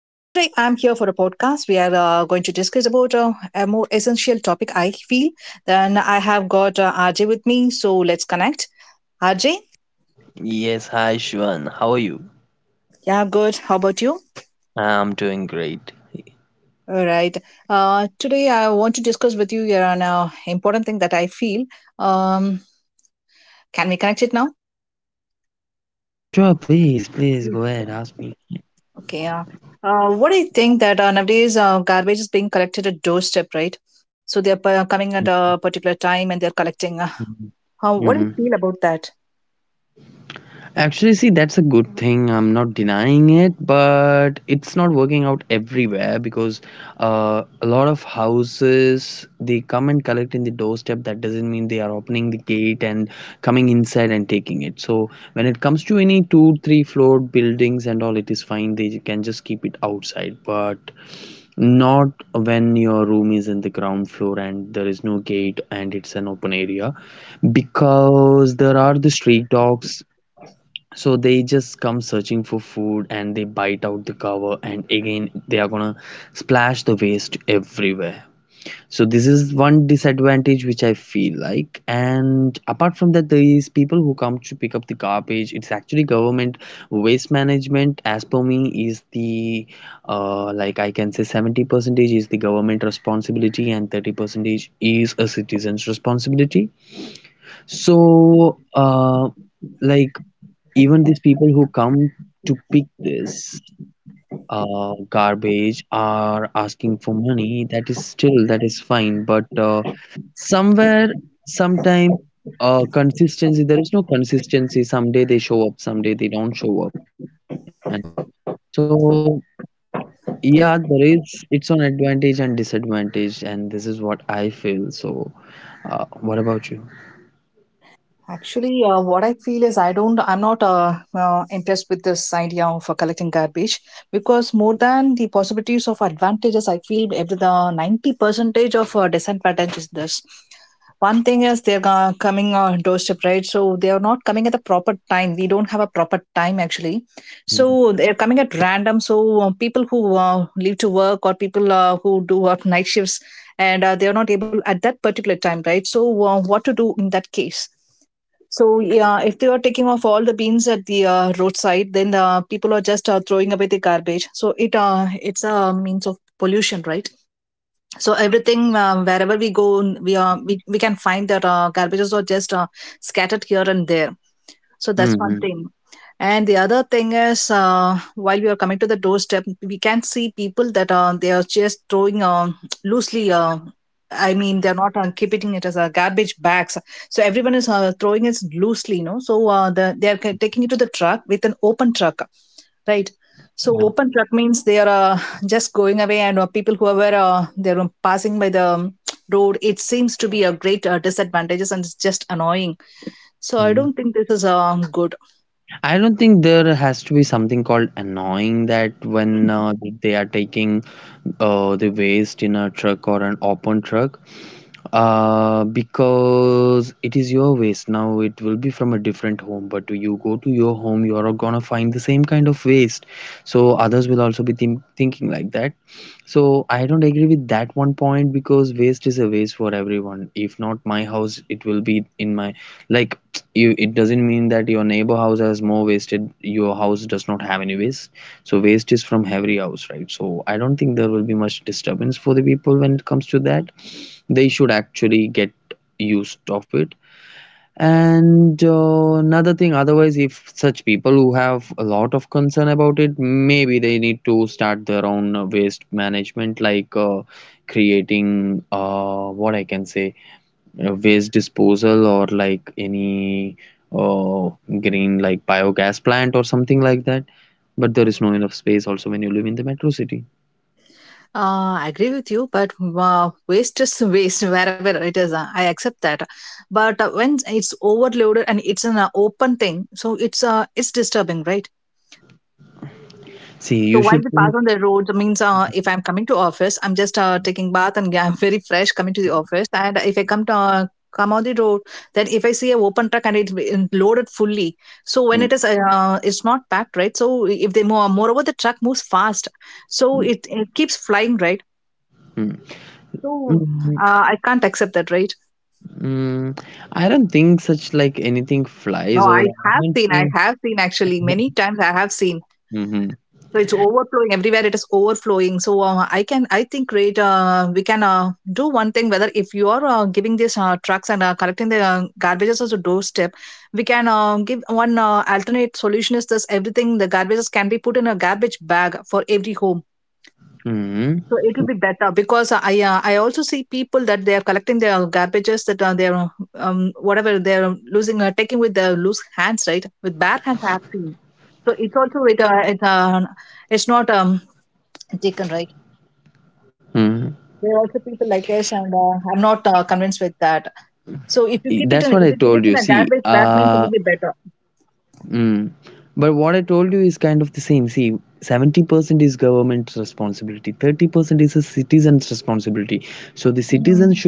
So today I'm here for a podcast. We are going to discuss about a more essential topic, I feel. Then I have got RJ with me, so let's connect. RJ, Yes, hi Shwan. How are you? yeah, good. How about you? I'm doing great. All right. Today I want to discuss with you here on an important thing that I feel. Um, can we connect it now? Yeah, sure, please go Yes. ahead, ask me. Okay. Yeah. What do you think that nowadays garbage is being collected at doorstep, right? So they're coming at a particular time and they're collecting How, what do you Hmm. feel about that? Actually, see, that's a good thing. I'm not denying it, but it's not working out everywhere because a lot of houses they come and collect in the doorstep. That doesn't mean they are opening the gate and coming inside and taking it. So when it comes to any two, three floor buildings and all, it is fine. They can just keep it outside. But not when your room is in the ground floor and there is no gate and it's an open area, because there are the street dogs, so they just come searching for food and they bite out the cover, and again they are gonna splash the waste everywhere. So this is one disadvantage which I feel like. And apart from that, there is people who come to pick up the garbage. It's actually government waste management. As per me, is the like I can say 70 percentage is the government responsibility and 30 percentage is a citizen's responsibility. So like, even these people who come to pick this garbage are asking for money, that is fine, but somewhere, sometime, consistency, there is no consistency. Someday they show up, someday they don't show up at all. So yeah, there is, it's an advantage and disadvantage, and this is what I feel. So what about you? Actually, what I feel is I'm not impressed with this idea of collecting garbage, because more than the possibilities of advantages, I feel every the 90 percentage of disadvantages this. One thing is they're coming doorstep, right? So they are not coming at the proper time. We don't have a proper time actually. Mm-hmm. So they're coming at random. So people who leave to work, or people who do night shifts, and they are not able at that particular time, right? So what to do in that case? So yeah, if they are taking off all the beans at the roadside, then the people are just throwing away the garbage. So it's a means of pollution, right? So everything, wherever we go, we can find that garbages are just scattered here and there. So that's Mm-hmm. one thing. And the other thing is, while we are coming to the doorstep, we can see people that they are just throwing loosely. I mean, they're not keeping it as a garbage bags. So everyone is throwing it loosely, you know. So they are taking it to the truck with an open truck, right? Yeah. So open truck means they are just going away, and people who are they are passing by the road. It seems to be a great disadvantages and it's just annoying, so I Mm-hmm. don't think this is good. I don't think there has to be something called annoying that when they are taking the waste in a truck or an open truck, because it is your waste. Now it will be from a different home, but you go to your home, you are gonna find the same kind of waste. So others will also be thinking like that, so I don't agree with that one point, because waste is a waste for everyone. If not my house, it will be in my, like, you, it doesn't mean that your neighbor house has more wasted, your house does not have any waste. So waste is from every house, right? So I don't think there will be much disturbance for the people when it comes to that. They should actually get used of it. And another thing, otherwise, if such people who have a lot of concern about it, maybe they need to start their own waste management, like creating, what I can say, waste disposal or like any uh, green, like biogas plant or something like that. But there is no enough space also when you live in the metro city. I agree with you, but waste is waste wherever it is. I accept that, but when it's overloaded and it's an open thing, so it's disturbing, right? See, So you while should we pass think. on the road, means if I'm coming to office, I'm just taking bath and yeah, I'm very fresh coming to the office. And if I come to come on the road, then if I see a open truck and it's been loaded fully, so when Mm, it's not packed, right? So if they move, moreover the truck moves fast, so mm, it keeps flying, right? mm. So Mm. I can't accept that, right? Mm, I don't think such like anything No, flies over the I haven't I seen. have seen actually, many times I have seen, Mm-hmm. so it's overflowing everywhere, it is overflowing. So I think, great, we can do one thing. Whether if you are giving these trucks and collecting the garbages as a doorstep, we can give one alternate solution is this: everything, the garbages, can be put in a garbage bag for every home, so it Mm-hmm. will be better. Because I also see people that they are collecting their garbages that they're um, whatever they're losing, taking with their loose hands, right, with bare hands, I have seen. So it's also it's not taken, right? There are also people like us, and I'm not convinced with that. So if you keep it in, if you give it in a garbage bag means, it will be better. Mm.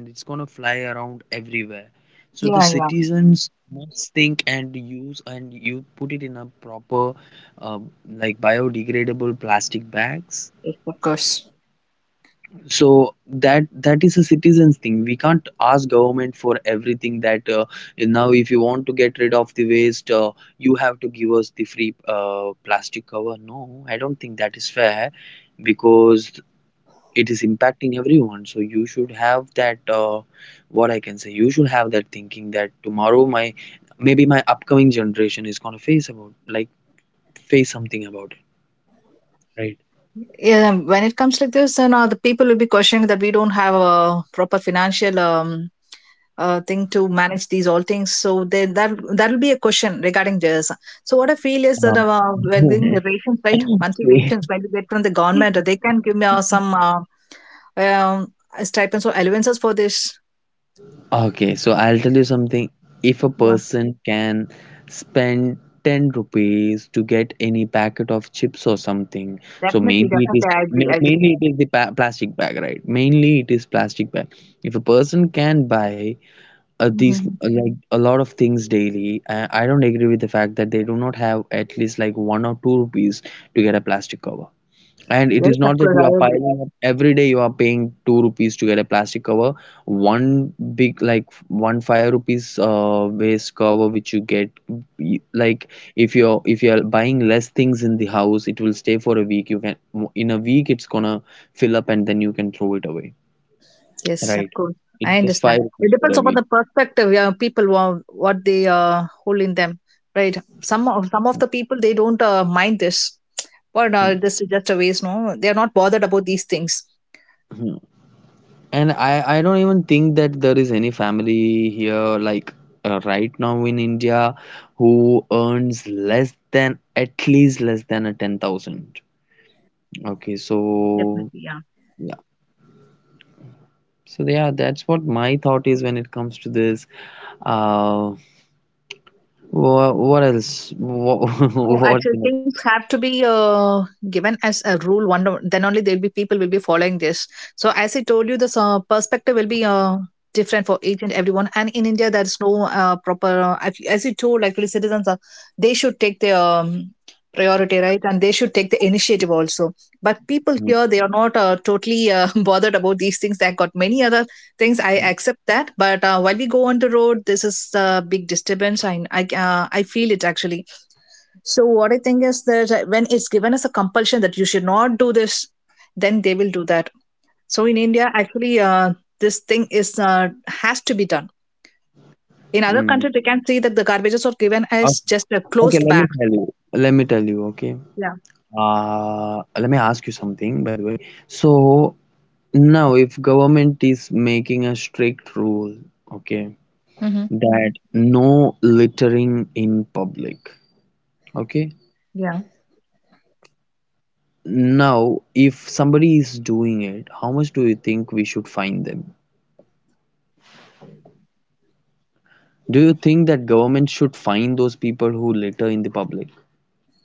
And it's gonna fly around everywhere. So the Yeah, yeah. citizens must think and use and you put it in a proper, um, like, biodegradable plastic bags. Yes, of course. So that that is a citizens thing. We can't ask government for everything, that now if you want to get rid of the waste, you have to give us the free plastic cover. No, I don't think that is fair, because it is impacting everyone, so you should have that, what I can say, you should have that thinking, that tomorrow my maybe my upcoming generation is going to face something about it, right? Yeah, when it comes like this, then the people will be questioning that we don't have a proper financial thing to manage these all things. So that that will be a question regarding this. So what I feel is that Um, we're giving the rations, right? Monthly rations when we get from the government, they can give me some um, stipends or allowances for this. okay, so I'll tell you something. If a Yeah. person can spend 10 rupees to get any packet of chips or something, so Definitely, mainly it definitely, is I agree. I ma- agree. mainly it is the plastic bag, right? Mainly it is plastic bag. If a person can buy these Mhm. like, a lot of things daily, I don't agree with the fact that they do not have at least like 1 or 2 rupees to get a plastic cover. And it Yes, is of not course, that you I are agree. piling up every day; you are paying 2 rupees to get a plastic cover, one big, like, one 5 rupees waste cover which you get, like, if you're buying less things in the house, it will stay for a week. You can, in a week it's gonna fill up and then you can throw it away, Yes, of right? course. I It's just understand. five It rupees for depends a upon the perspective. Yeah, people what they hold in them, right? Some of the people they don't mind this, but week. this is just a waste. No, they are not bothered about these things. And I don't even think that there is any family here, like, right now in India, who earns less than, at least less than a 10,000. Okay, Definitely, yeah. yeah, so yeah, that's what my thought is when it comes to this. Uh, what else? No, What actually, things have to be given as a rule. Then only there will be people will be following this. So, as I told you, the perspective will be different for each and everyone. And in India, there is no proper. If, as you told, actually, citizens are, they should take their priority, right, and they should take the initiative also. But people next? here, they are not totally bothered about these things. They have got many other things. I accept that, but while we go on the road, this is a big disturbance. I feel it actually. So what I think is that when it's given as a compulsion that you should not do this, then they will do that. So in India, actually, this thing is has to be done. In other Mm. countries, we can see that the garbages are given as Okay, just a okay, closed let me bag. tell you. Let me tell you, okay. Yeah. Let me ask you something, by the way. So, now if government is making a strict rule, okay, Hmm. that no littering in public, okay, Yeah. now if somebody is doing it, how much do you think we should fine them? Do you think that government should fine those people who litter in the public?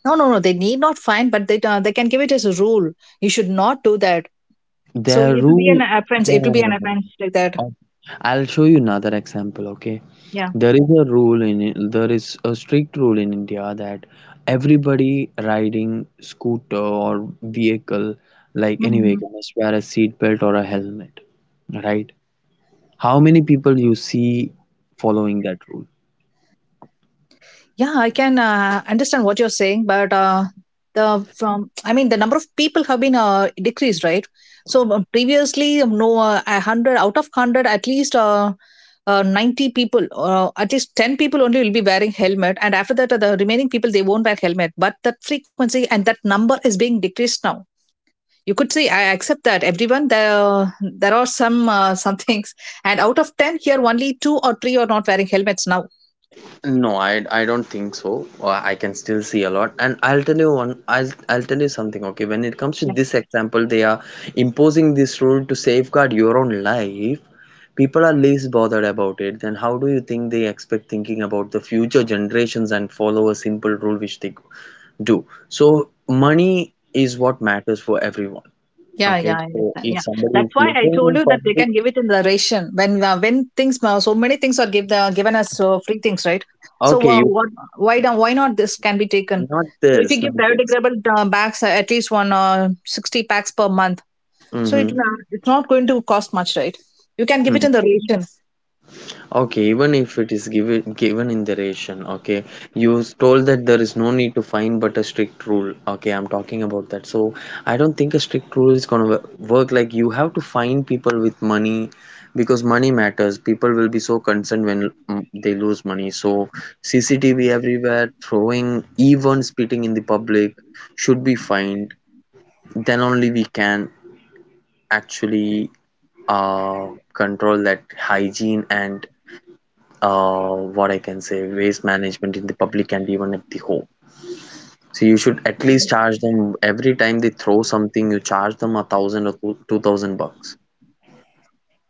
No, no, no. They need not fine, but they can give it as a rule. You should not do that. So Their it will be rule an offense. No. It will be an offense like that. Uh, I'll show you another example, okay. Yeah. There is a strict rule in India that everybody riding scooter or vehicle, like any Mhm. vehicle, must wear a seat belt or a helmet, right? How many people you see following that rule? Yeah, I can understand what you're saying, but the from I mean, the number of people have been decreased, right? So previously, no, a 100 out of 100, at least 90 people, at least 10 people only will be wearing helmet, and after that, the remaining people they won't wear helmet. But that frequency and that number is being decreased now. You could say I accept that everyone, there are some things, and out of 10 here only 2 or 3 are not wearing helmets now. No, I don't think so. I can still see a lot, and I'll tell you one. I'll tell you something. Okay, when it comes to this example, they are imposing this rule to safeguard your own life, people are least bothered about it, then how do you think they expect thinking about the future generations and follow a simple rule which they do? So money is what matters for everyone. Yeah, Okay, yeah, I so understand. if Yeah, somebody that's is why I living told in you that they public, can give it in the ration when things so many things are given as free things, right? So okay, you, what why don't, why not this can be taken? not So if you this, give not this. biodegradable bags, at least one 60 packs per month, so it will, Mm-hmm. It's not going to cost much, right? You can give it in Mm-hmm. the ration. Okay, even if it is given in the ration, okay, you told that there is no need to find but a strict rule. Okay, I'm talking about that. So I don't think a strict rule is gonna work. Like, you have to find people with money, because money matters. People will be so concerned when they lose money. So CCTV everywhere, throwing, even spitting in the public should be fined. Then only we can actually uh control that hygiene and, what I can say, waste management in the public and even at the home. So you should at least charge them every time they throw something, you charge them a thousand or two thousand bucks.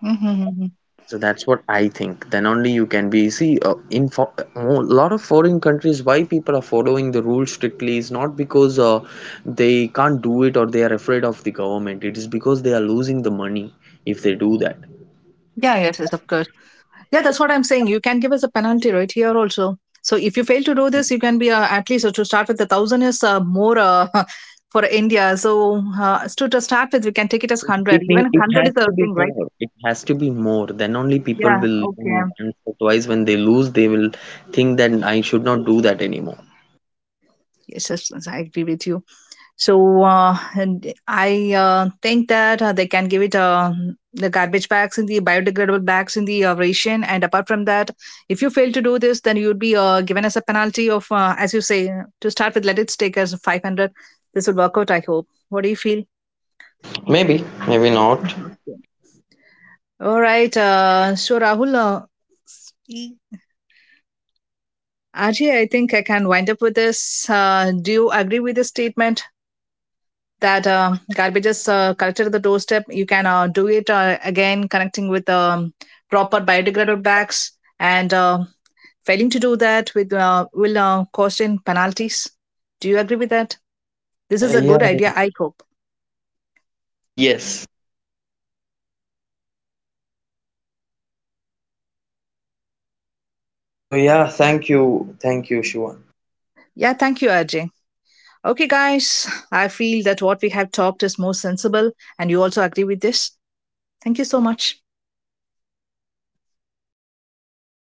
Mm-hmm. So that's what I think. Then only you can be see, in for, a lot of foreign countries why people are following the rules strictly is not because they can't do it or they are afraid of the government. It is because they are losing the money if they do that. Yeah, yes, yes, of course. Yeah, that's what I'm saying. You can give us a penalty right here also. So if you fail to do this, you can be at least, to start with, 1,000 is more for India. So to start with, we can take it as It hundred. means Even it hundred has is a to be thing, right? more. It has to be more. Then only people Yeah. will Okay. learn once or twice. When they lose, they will think that I should not do that anymore. Yes, yes, yes, I agree with you. So and I think that they can give it, the garbage bags, in the biodegradable bags, in the ration. And apart from that, if you fail to do this, then you would be given as a penalty of, as you say, to start with, let it take as 500. This will work out, I hope. What do you feel? Maybe, maybe not. Okay. All right. So, Rahul, Ajay, I think I can wind up with this. Do you agree with the statement, that garbage is collected at the doorstep. You can do it again, connecting with proper biodegradable bags. And failing to do that with will cost in penalties. Do you agree with that? This is a good Yeah, idea, I hope. yes. So, yeah, thank you. Thank you, Shivan. Yeah. Thank you, Ajay. Okay, guys. I feel that what we have talked is more sensible, and you also agree with this. Thank you so much.